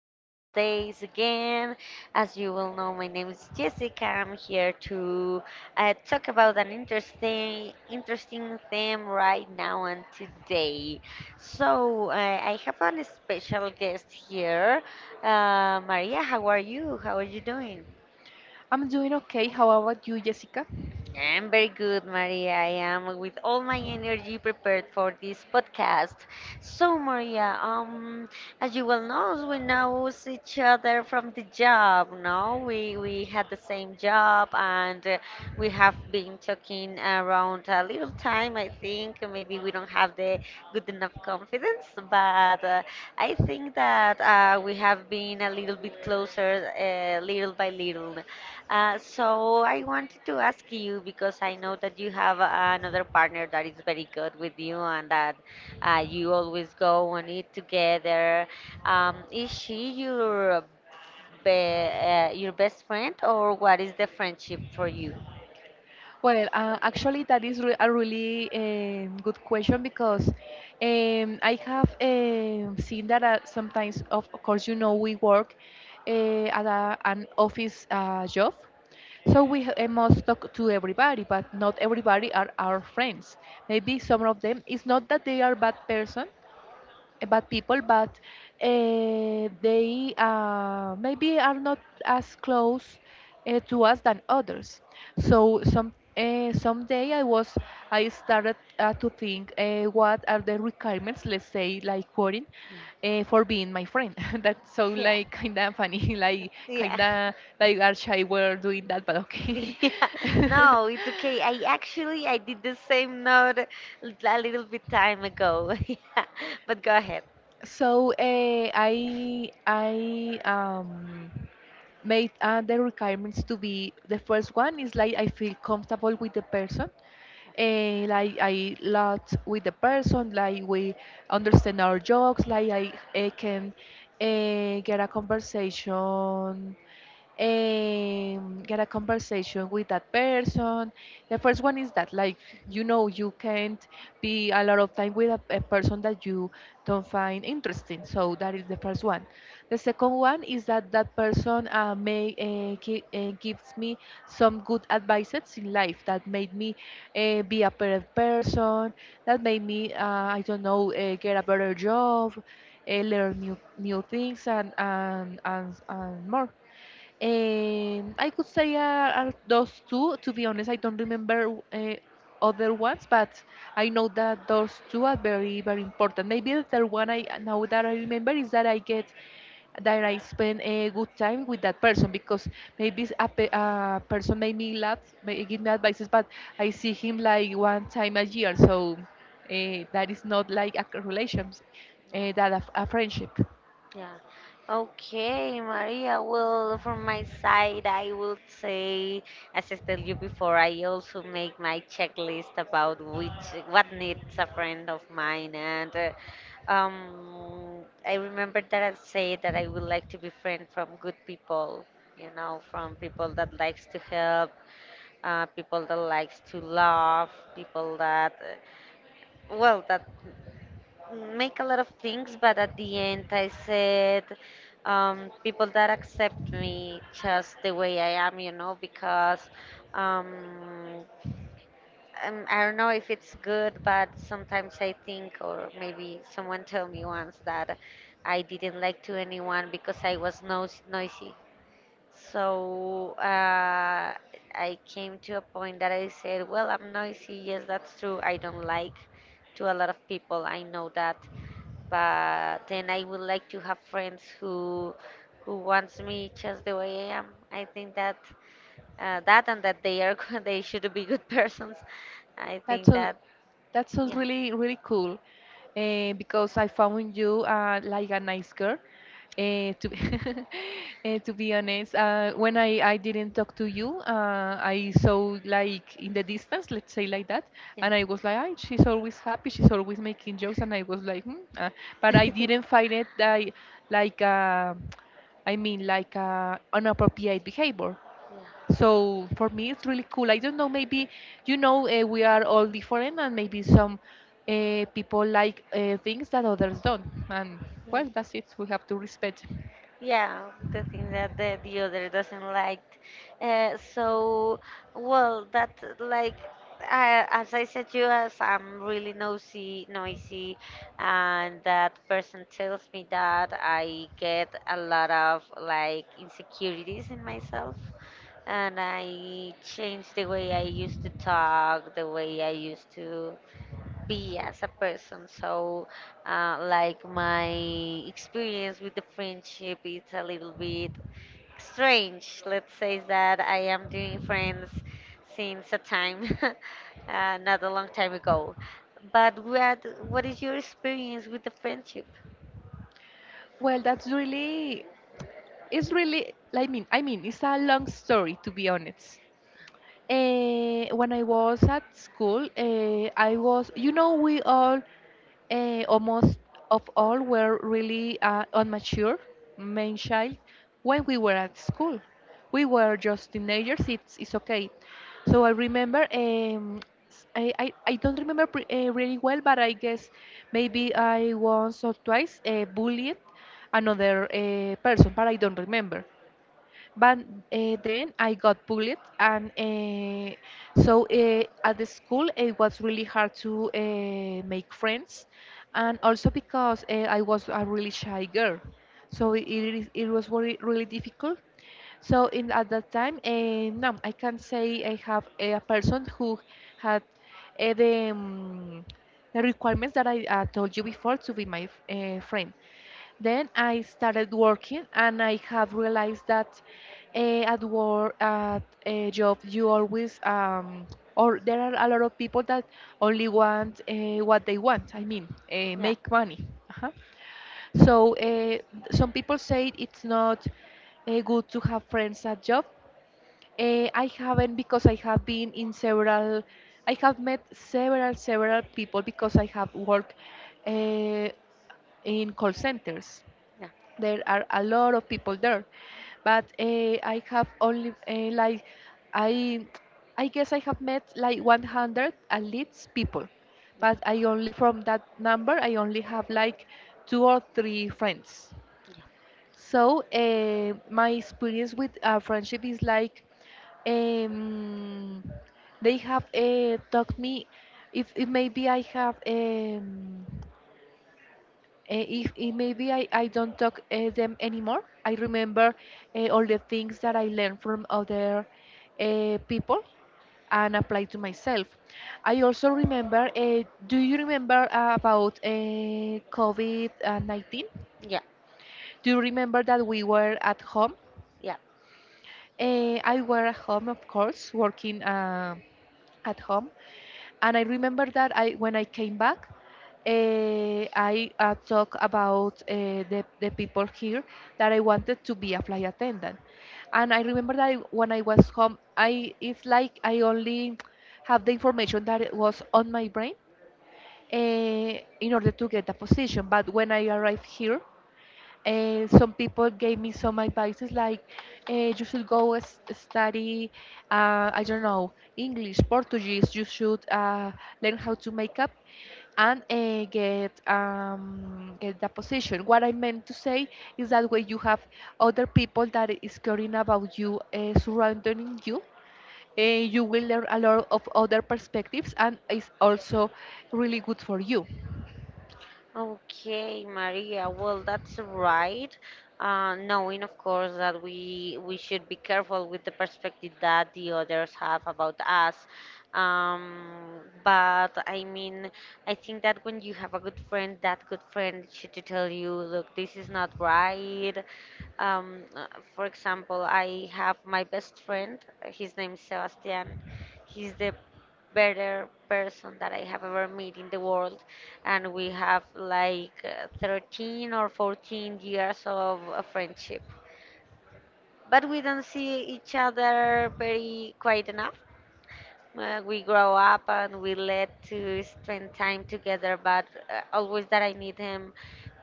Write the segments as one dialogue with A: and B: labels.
A: nowadays again. As you will know, my name is Jessica. I'm here to talk about an interesting theme right now and today. So I have a special guest here, Maria. How are you? How are you doing?
B: I'm doing okay. How about you, Jessica?
A: I'm very good, Maria. I am with all my energy prepared for this podcast. So, Maria, as you well know, we know each other from the job. No, we had the same job, and we have been talking around a little time. I think maybe we don't have the good enough confidence, but I think that we have been a little bit closer, little by little. So I wanted to ask you because I know that you have another partner that is very good with you and that you always go on it together. Is she your be your best friend, or what is the friendship for you?
B: Well, actually, that is a really good question because I have seen that sometimes, of course, you know, we work at an office job. So we must talk to everybody, but not everybody are our friends. Maybe some of them. It's not that they are bad person, bad people, but they maybe are not as close to us than others. So someday I started to think what are the requirements, let's say like coding, for being my friend. That sound
A: Yeah.
B: like kind of funny,
A: Yeah.
B: like
A: Yeah.
B: kind of like Archie were doing that, but okay.
A: Yeah, no, it's okay. I actually I did the same note a little bit time ago. Yeah, but go ahead.
B: So I um made the requirements to be the first one is like I feel comfortable with the person, like I lot with the person, like we understand our jokes, like I can uh, get a conversation get a conversation with that person. The first one is that, like, you know, you can't be a lot of time with a person that you don't find interesting. So that is the first one. The second one is that that person gives me some good advices in life that made me be a better person, that made me, I don't know, get a better job, learn new things, and and more. I could say are those two. To be honest, I don't remember other ones, but I know that those two are very, very important. Maybe the third one I now that I remember is that I get that I spend a good time with that person because maybe a person made me laugh, may give me advices, but I see him like one time a year, so that is not like a relationship,
A: Yeah.
B: a friendship.
A: Yeah. Okay, Maria. Well, from my side, I would say, as I told you before, I also make my checklist about which what needs a friend of mine, and I remember that I said that I would like to be friend from good people, you know, from people that likes to help, people that likes to laugh, people that, that make a lot of things, but at the end I said, people that accept me just the way I am, you know, because um, I don't know if it's good, but sometimes I think, or maybe someone told me once that I didn't like to anyone because I was no noisy. So I came to a point that I said, well, I'm noisy. Yes, that's true. I don't like to a lot of people. I know that. But then I would like to have friends who wants me just the way I am. I think that that, and that they are they should be good persons. I
B: That's
A: think
B: all.
A: that
B: That's all
A: yeah,
B: really really cool, because I found you like a nice girl. Uh, to be, to be honest, when I didn't talk to you, I saw like in the distance, let's say like that,
A: yeah,
B: and I was like, "Ay, she's always happy, she's always making jokes, and I was like, hmm. But I didn't find it like, I mean, like inappropriate behavior.
A: yeah,
B: So for me, it's really cool. I don't know, maybe, you know, we are all different, and maybe some people like things that others don't. And
A: yeah.
B: well, that's it. We have to respect.
A: Yeah, the thing that the other doesn't like. So, that, like, I, as I said to you, as I'm really nosy, noisy, and that person tells me that I get a lot of like insecurities in myself, and I change the way I used to talk, the way I used to be as a person. So, like my experience with the friendship is a little bit strange. Let's say that I am doing friends since a time, not a long time ago. But what is your experience with the friendship?
B: Well, that's really, it's really, I mean, it's a long story to be honest. When I was at school, I was, you know, we all, almost of all, were really unmature, main child, when we were at school. We were just teenagers, it's okay. So I remember, I don't remember really well, but I guess maybe I once or twice bullied another person, but I don't remember. But then I got bullied, and at the school it was really hard to make friends, and also because I was a really shy girl, so it was really, really difficult. So in at that time, no, I can say I have a person who had uh, the um, the requirements that I told you before to be my friend. Then I started working, and I have realized that at work, at a job, you always, or there are a lot of people that only want what they want, I mean,
A: Yeah,
B: make money. Uh-huh. So some people say it's not good to have friends at job. I haven't because I have been in several, I have met several, several people because I have worked uh, in call centers.
A: yeah,
B: There are a lot of people there, but I have only like I I guess I have met like 100 at least people, but I only from that number I only have like two or three friends. So my experience with friendship is like um, they have taught me if maybe I have if maybe I don't talk them anymore, I remember all the things that I learned from other people and apply to myself. I also remember, do you remember about COVID-19?
A: yeah,
B: Do you remember that we were at home?
A: yeah.
B: I were at home, of course, working at home. And I remember that I when I came back, I talked about the people here that I wanted to be a flight attendant, and I remember that when I was home, I it's like I only have the information that it was on my brain uh, in order to get the position. But when I arrived here, some people gave me some advices like you should study, I don't know, English, Portuguese. You should learn how to make up and get the position. What I meant to say is that when you have other people that is caring about you, surrounding you, you will learn a lot of other perspectives, and it's also really good for you.
A: Okay, Maria. Well, that's right. Knowing, of course, that we should be careful with the perspective that the others have about us. But I mean, I think that when you have a good friend, that good friend should tell you, look, this is not right. Um, uh, for example, I have my best friend. His name is Sebastian. He's the better person that I have ever met in the world. And we have like 13 or 14 years of friendship. But we don't see each other very quite enough. We grow up and we let to spend time together, but always that I need him,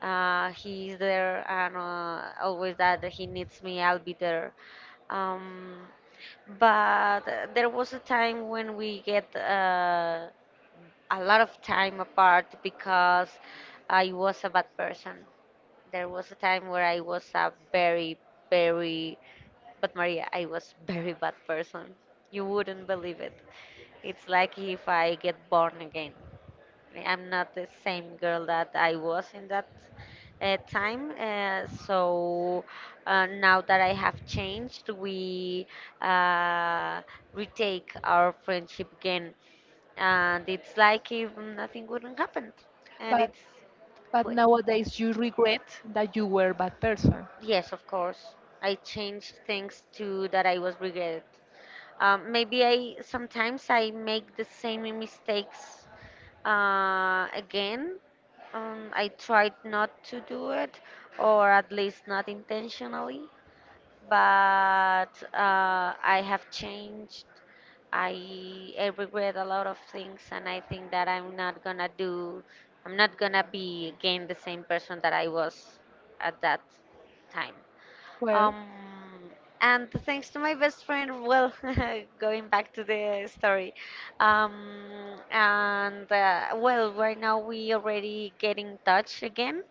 A: he is there, and always that he needs me, I'll be there. Um, but There was a time when we get a lot of time apart because I was a bad person. There was a time where I was a very, very, but Maria, I was very bad person. You wouldn't believe it. It's like if I get born again. I'm not the same girl that I was in that time. So now that I have changed, we uh, retake our friendship again, and it's like if nothing wouldn't happen, and
B: But
A: it's
B: but
A: good.
B: nowadays you regret that you were a bad person.
A: Yes, of course. I changed things too that I was regretted. Maybe I sometimes I make the same mistakes again. I tried not to do it, or at least not intentionally. But I have changed. I regret a lot of things, and I think that I'm not gonna be again the same person that I was at that time.
B: Well,
A: Um, and thanks to my best friend, well, going back to the story, um, and well, right now we already get in touch again,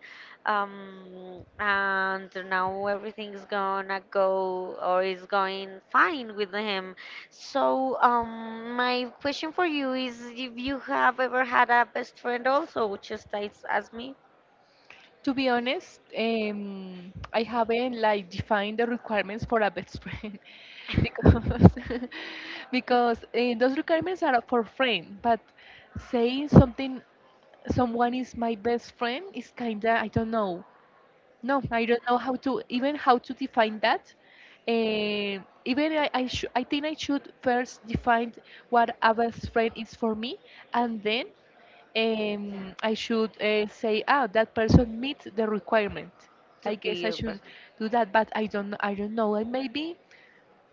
A: and now everything's gonna go or is going fine with him. So, my question for you is if you have ever had a best friend also, just as me.
B: to be honest, I haven't like defined the requirements for a best friend because because those requirements are for friend, but saying something someone is my best friend is kinda I don't know. No, I don't know how to even how to define that. Eh, even I think I should first define what a best friend is for me, and then
A: Yeah.
B: I should say, ah, that person meets the requirement.
A: To
B: I
A: be
B: guess I
A: your
B: should
A: boyfriend.
B: do that, but I don't know. And maybe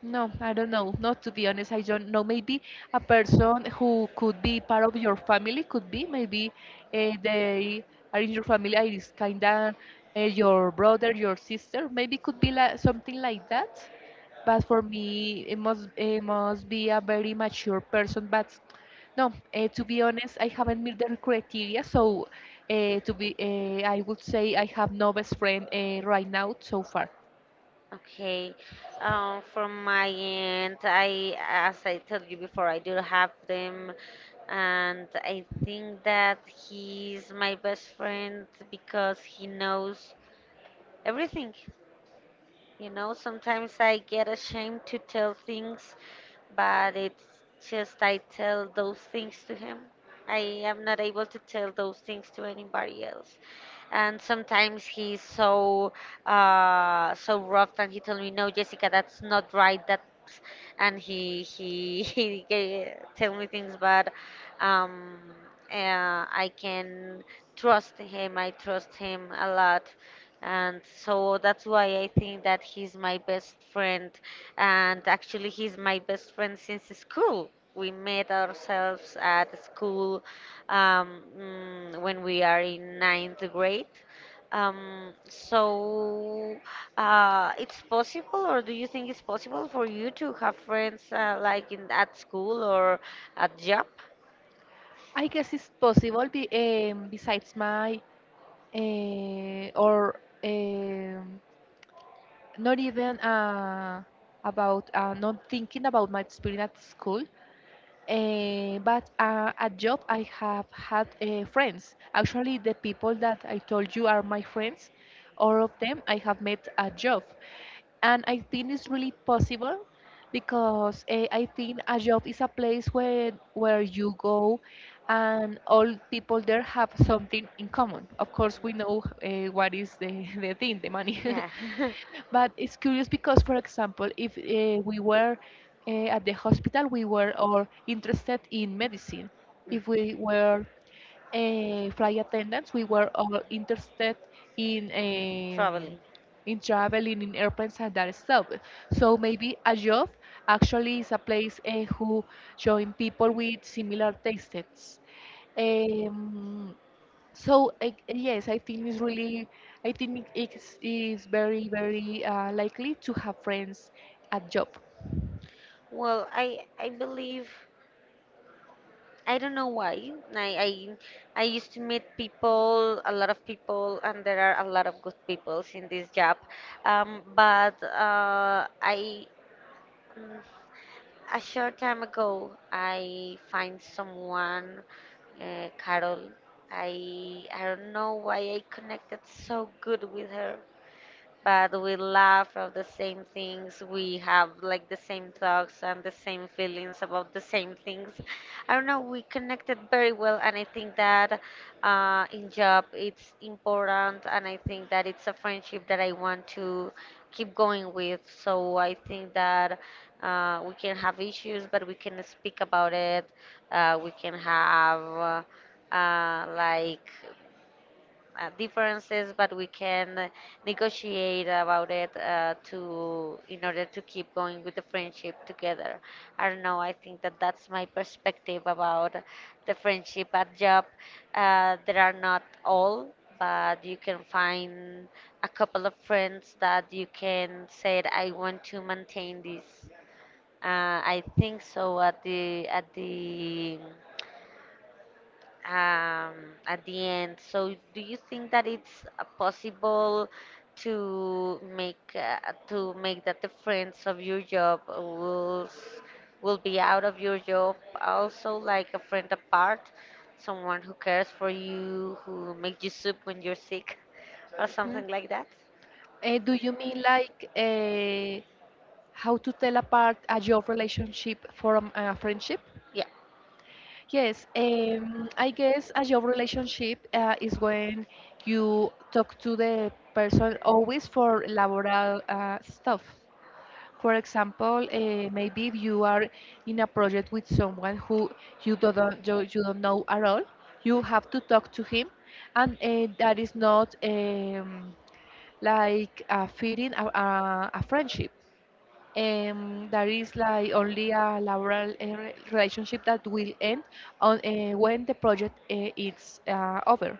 B: no, I don't know. Not to be honest, I don't know. Maybe a person who could be part of your family could be. Maybe they are in your family, and it's kind of your brother, your sister. Maybe could be like something like that. But for me, it must be a very mature person. But no, to be honest, I haven't met the criteria. So I would say I have no best friend right now so far.
A: Okay. From my end, I, as I told you before, I do have them, and I think that he's my best friend because he knows everything. You know, sometimes I get ashamed to tell things, but it's just I tell those things to him. I am not able to tell those things to anybody else. And sometimes he's so so rough, and he told me, "No, Jessica, that's not right. That's..." And he tell me things, but um, I can trust him. I trust him a lot, and so that's why I think that he's my best friend. And actually, he's my best friend since school. We met ourselves at school when we are in ninth grade. So, it's possible, or do you think it's possible for you to have friends like in at school or at job?
B: I guess it's possible be, besides my or not even about not thinking about my experience at school but at job, I have had friends. Actually, the people that I told you are my friends, all of them I have met at job, and I think it's really possible because I think a job is a place where you go, and all people there have something in common. Of course, we know what is the the thing, the money.
A: Yeah,
B: But it's curious because, for example, if we were at the hospital, we were all interested in medicine. If we were flight attendants, we were all interested in um,
A: traveling.
B: traveling in airplanes and that stuff. So maybe a job actually is a place who join people with similar tastes. Um, so I, yes, I think it's really, I think it's very, very likely to have friends at job.
A: Well, I believe. I don't know why. I used to meet people, a lot of people, and there are a lot of good people in this job. Um, but uh, I mm, a short time ago I find someone, Carol. I don't know why I connected so good with her, but we laugh of the same things. We have like the same thoughts and the same feelings about the same things. I don't know. We connected very well, and I think that in job it's important, and I think that it's a friendship that I want to keep going with. So I think that we can have issues, but we can speak about it. We can have like differences, but we can negotiate about it to in order to keep going with the friendship together. I don't know. I think that that's my perspective about the friendship at job. There are not all, but you can find a couple of friends that you can say I want to maintain this. I think so at the um, at the end. So, do you think that it's possible to make uh, to make that the friends of your job will be out of your job also like a friend apart, someone who cares for you, who makes you soup when you're sick, or
B: Hmm.
A: something like that?
B: Do you mean like how to tell apart a job relationship from a friendship?
A: Yeah.
B: Yes, I guess a job relationship is when you talk to the person always for laboral stuff. For example, maybe if you are in a project with someone who you don't you you don't know at all, you have to talk to him, and that is not like a feeding a friendship. That is like only a laboral relationship that will end on when the project is over.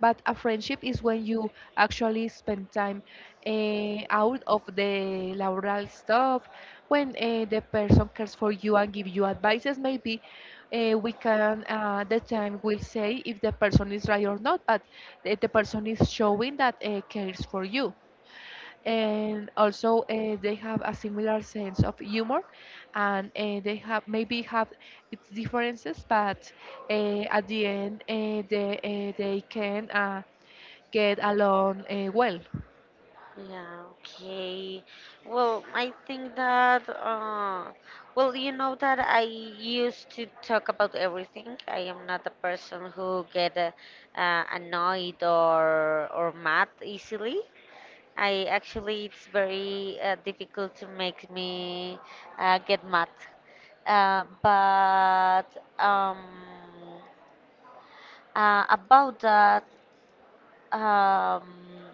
B: But a friendship is when you actually spend time out of the laboral stuff, when the person cares for you and give you advices. Maybe the time will say if the person is right or not, but the person is showing that cares for you, and also they have a similar sense of humor, and they have maybe have its differences, but at the end they can get along well.
A: Yeah, okay. Well, I think that, well, you know that I used to talk about everything. I am not a person who get annoyed or mad easily. I actually, it's very difficult to make me get mad. But um, about that, um,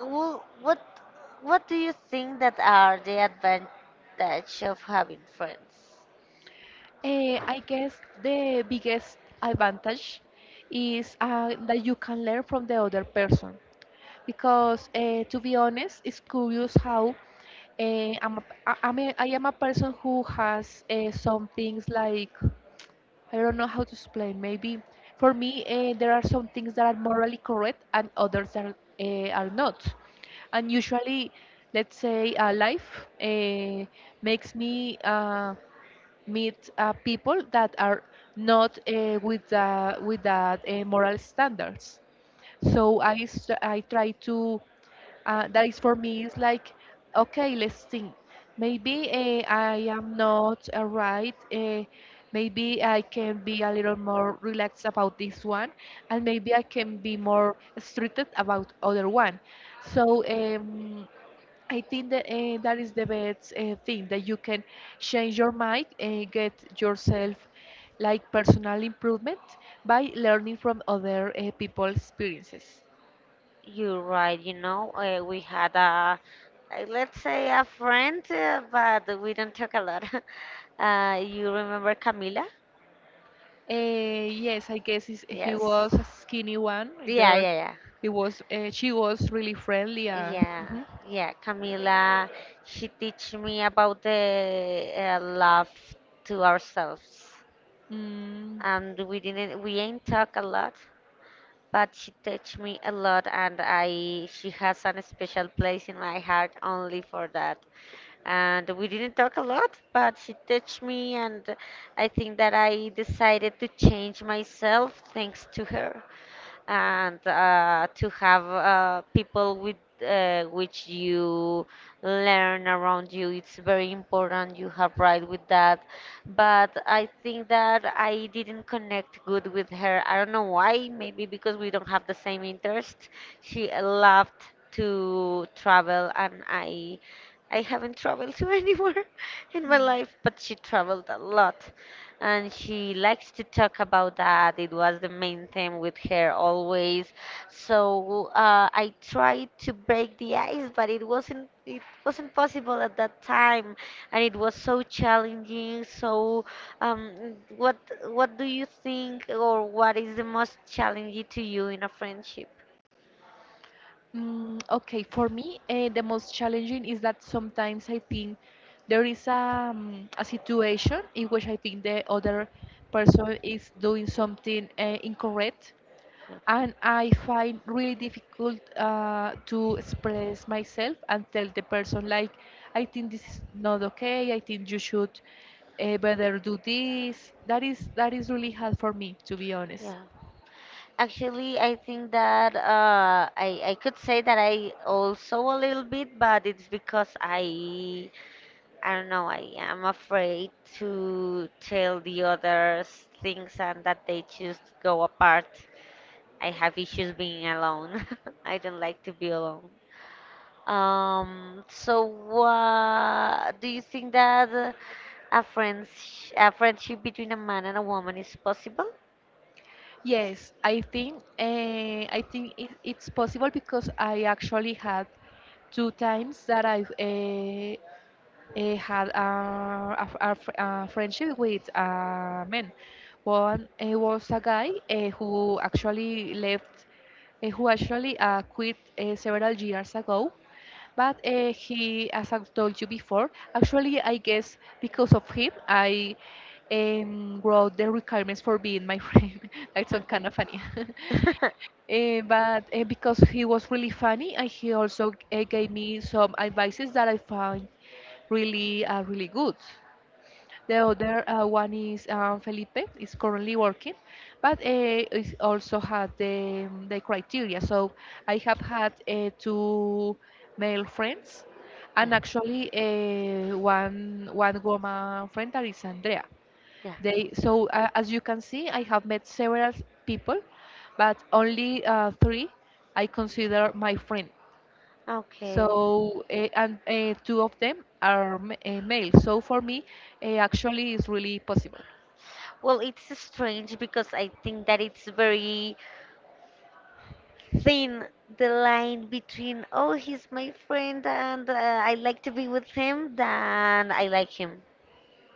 A: well, what do you think that are the advantage of having friends?
B: I guess the biggest advantage is that you can learn from the other person, because to be honest, it's curious how I am a person who has some things like, I don't know how to explain. Maybe for me, there are some things that are morally correct and others that are not. And usually, let's say, life makes me meet people that are not with that moral standards. So I try to, that is for me is like, okay, let's think, maybe I am not right, maybe I can be a little more relaxed about this one and maybe I can be more stricted about other one. So I think that that is the best thing that you can change your mind and get
A: Yeah.
B: yourself, like personal improvement, by learning from other people's experiences.
A: You're right, you know, we had a, like, let's say a friend, but we don't talk a lot. You remember Camila?
B: Yes, I guess he
A: Yes.
B: was a skinny one, a
A: Yeah,
B: girl.
A: yeah, yeah.
B: She was really friendly.
A: Yeah,
B: Mhm.
A: yeah. Camila, she teach me about the love to ourselves.
B: Mm.
A: And we ain't talk a lot, but she taught me a lot, and I she has an special place in my heart only for that. And we didn't talk a lot, but she taught me, and I think that I decided to change myself thanks to her and to have people with which you learn around you. It's very important. You have right with that, but I think that I didn't connect good with her. I don't know why. Maybe because we don't have the same interest. She loved to travel, and I. I haven't traveled to anywhere in my life, but she traveled a lot, and she likes to talk about that. It was the main theme with her always. So I tried to break the ice, but it wasn't possible at that time, and it was so challenging. So um, what do you think, or what is the most challenging to you in a friendship?
B: Okay, for me, the most challenging is that sometimes I think there is a situation in which I think the other person is doing something incorrect,
A: Yeah.
B: and I find really difficult to express myself and tell the person like, I think this is not okay. I think you should better do this. That is really hard for me, to be
A: Yeah.
B: honest.
A: Actually, I think that I could say that I also a little bit, but it's because I don't know, I am afraid to tell the others things and that they just go apart. I have issues being alone. I don't like to be alone. So what do you think that a friends a friendship between a man and a woman is possible?
B: Yes, I think it's possible, because I actually had two times that I had a friendship with a man. One was a guy who actually left, eh, who actually quit several years ago. But he, as I've told you before, actually, I guess because of him, I wrote the requirements for being my friend. That's so
A: Okay.
B: kind of funny. Eh, but Because he was really funny, and he also gave me some advices that I found really really good. The other one is Felipe is currently working, but is also had the criteria. So I have had two male friends, and
A: Yeah.
B: actually one woman friend that is Andrea.
A: Yeah.
B: They so as you can see, I have met several people, but only three I consider my friend.
A: Yeah. Okay.
B: So, and two of them are male. So for me, actually, it's really possible.
A: Well, it's strange because I think that it's very thin the line between, oh, he's my friend and I like to be with him, then I like him.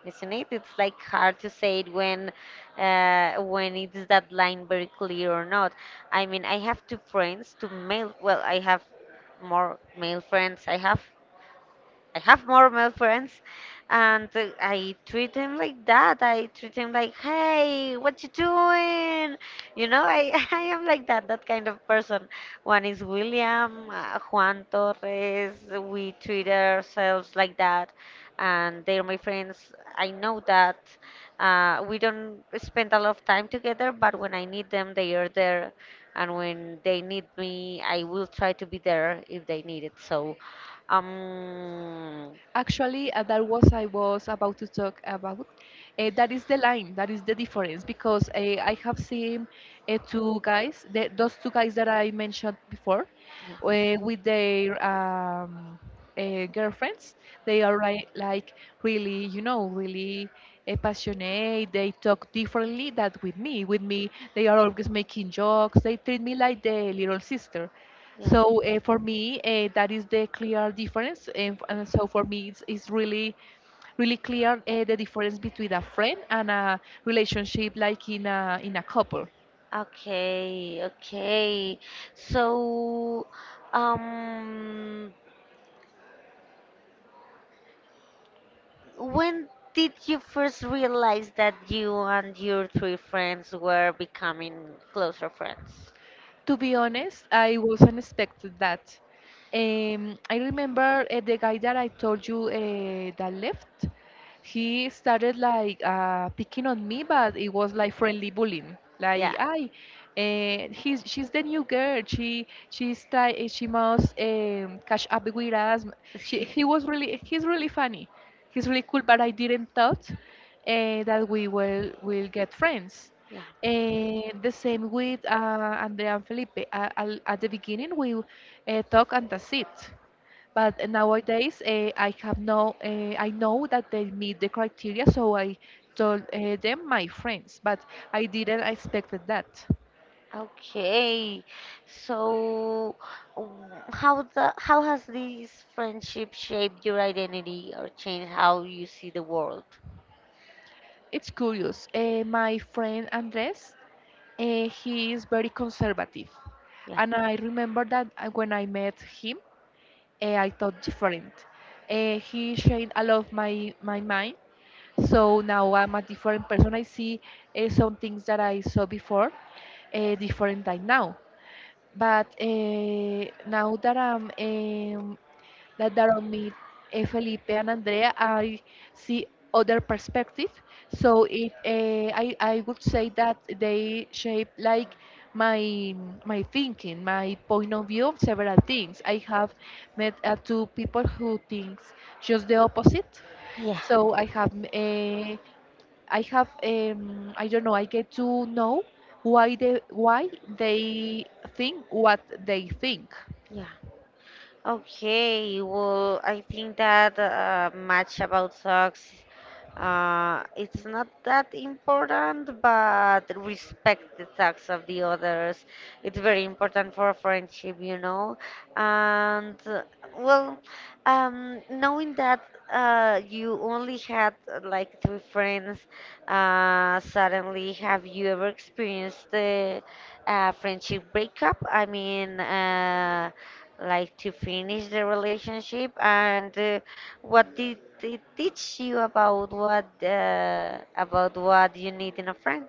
A: Isn't it? It's like hard to say it when it's that line very clear or not. I mean, I have two friends, two male. Well, I have more male friends. I have more male friends, and I treat them like that. I treat them like, hey, what you doing? I I am like that kind of person. One is William, Juan Torres. We treat ourselves like that and they're my friends. I know that we don't spend a lot of time together, but when I need them, they are there, and when they need me, I will try to be there if they need it. So, um,
B: Actually, that was I was about to talk about. That is the line. That is the difference, because I have seen two guys, those two guys that I mentioned before,
A: yeah,
B: with their girlfriends. They are like really, you know, really passionate. They talk differently than with me. With me, they are always making jokes. They treat me like the little sister.
A: yeah.
B: So for me, that is the clear difference. And so for me, it's really, really clear the difference between a friend and a relationship, like in a couple.
A: Okay, okay. So, um, when did you first realize that you and your three friends were becoming closer friends?
B: To be honest, I wasn't expecting that. I remember the guy that I told you that left. He started like picking on me, but it was like friendly bullying. Like,
A: Yeah.
B: I, he's she's the new girl. She's try she must catch up with us. She He was really he's really funny. He's really cool, but I didn't thought that we will get friends.
A: Yeah.
B: The same with Andrea and Felipe. At the beginning, we talk and that's it. But nowadays, I have no, I know that they meet the criteria, so I told them my friends. But I didn't expect that.
A: Okay, so um, how has this friendship shaped your identity or changed how you see the world?
B: It's curious. My friend Andres, he is very conservative,
A: Yeah,
B: and I remember that when I met him, I thought different. He changed a lot of my mind. So now I'm a different person. I see some things that I saw before, different than now. But now that I'm that that I meet Felipe and Andrea, I see other perspective. So it I would say that they shape like my my thinking, my point of view of several things. I have met two people who thinks just the opposite.
A: yeah,
B: So I have I have I don't know, I get to know why they think what they think.
A: yeah. Okay, well, I think that much about socks. It's not that important, but respect the socks of the others. It's very important for a friendship, And well, knowing that you only had like three friends, suddenly, have you ever experienced a friendship breakup? I mean, like to finish the relationship and what did it teach you about what you need in a friend.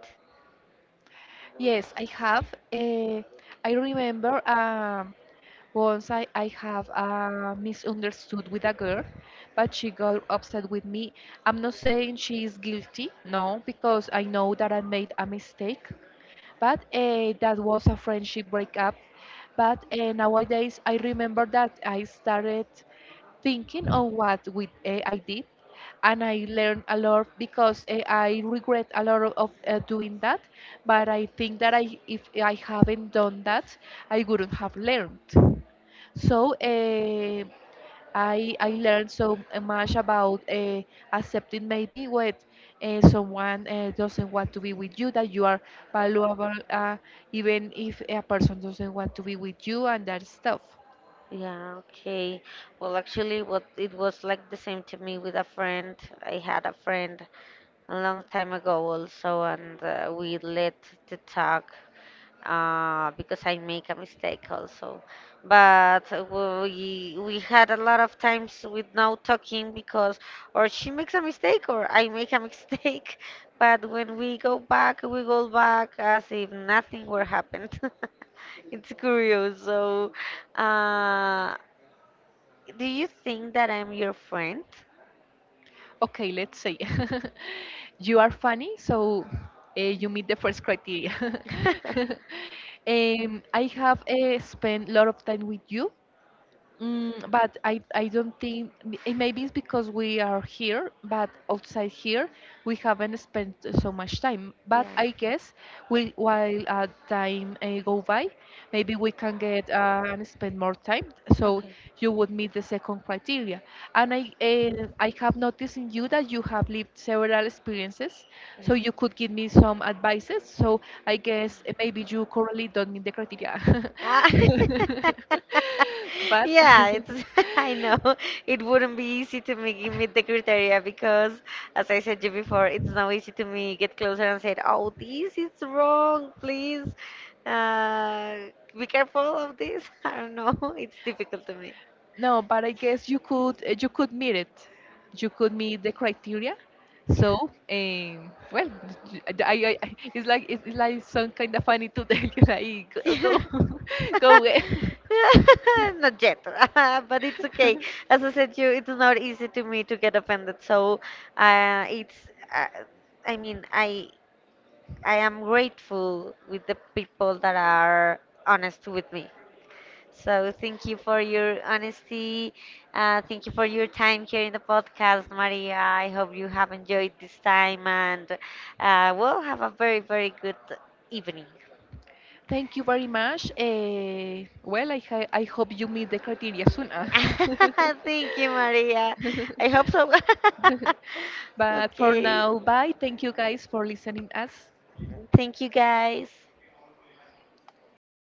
B: Yes, I have uh, I remember once I have misunderstood with a girl, but she got upset with me. I'm not saying she is guilty, no, because I know that I made a mistake, but that was a friendship breakup. But nowadays, I remember that I started thinking on what with AI did, and I learned a lot, because I regret a lot of doing that. But I think that if I haven't done that, I wouldn't have learned. So I learned so much about accepting maybe what someone doesn't want to be with you, that you are valuable even if a person doesn't want to be with you and that stuff.
A: Yeah, okay. Well, actually, what it was like the same to me with a friend. I had a friend a long time ago also, and we let the talk because I make a mistake also. But we had a lot of times with no talking because or she makes a mistake or I make a mistake. But when we go back as if nothing were happened. It's curious. So, uh, do you think that I'm your friend?
B: Okay, let's say, you are funny, so you meet the first criteria. I have spent a lot of time with you, mm, but I don't think it, maybe it's because we are here, but outside here we haven't spent so much time.
A: Yeah.
B: But I guess we, while time go by, maybe we can get and spend more time. So
A: Okay.
B: you would meet the second criteria. And I have noticed in you that you have lived several experiences,
A: Yeah.
B: so you could give me some advices. So I guess maybe you currently don't meet the criteria.
A: Ah,
B: But
A: yeah, it's, I know it wouldn't be easy to make you meet the criteria because, as I said you before, it's not easy to me get closer and say, "Oh, this is wrong. Please, uh, be careful of this." I don't know. It's difficult to me.
B: no, but I guess you could you could meet it. You could meet the criteria. Well, it's like some kind of funny to tell you like
A: Yeah.
B: go go go away.
A: Not yet, but it's okay. As I said, you it's not easy to me to get offended. So, it's uh, I mean, I am grateful with the people that are honest with me. So thank you for your honesty. Thank you for your time here in the podcast, Maria. I hope you have enjoyed this time and we'll have a very, very good evening.
B: Thank you very much. Well, I hope you meet the criteria soon. Ah.
A: Thank you, Maria. I hope so.
B: But for
A: Okay.
B: now, bye. Thank you, guys, for listening us.
A: Thank you, guys.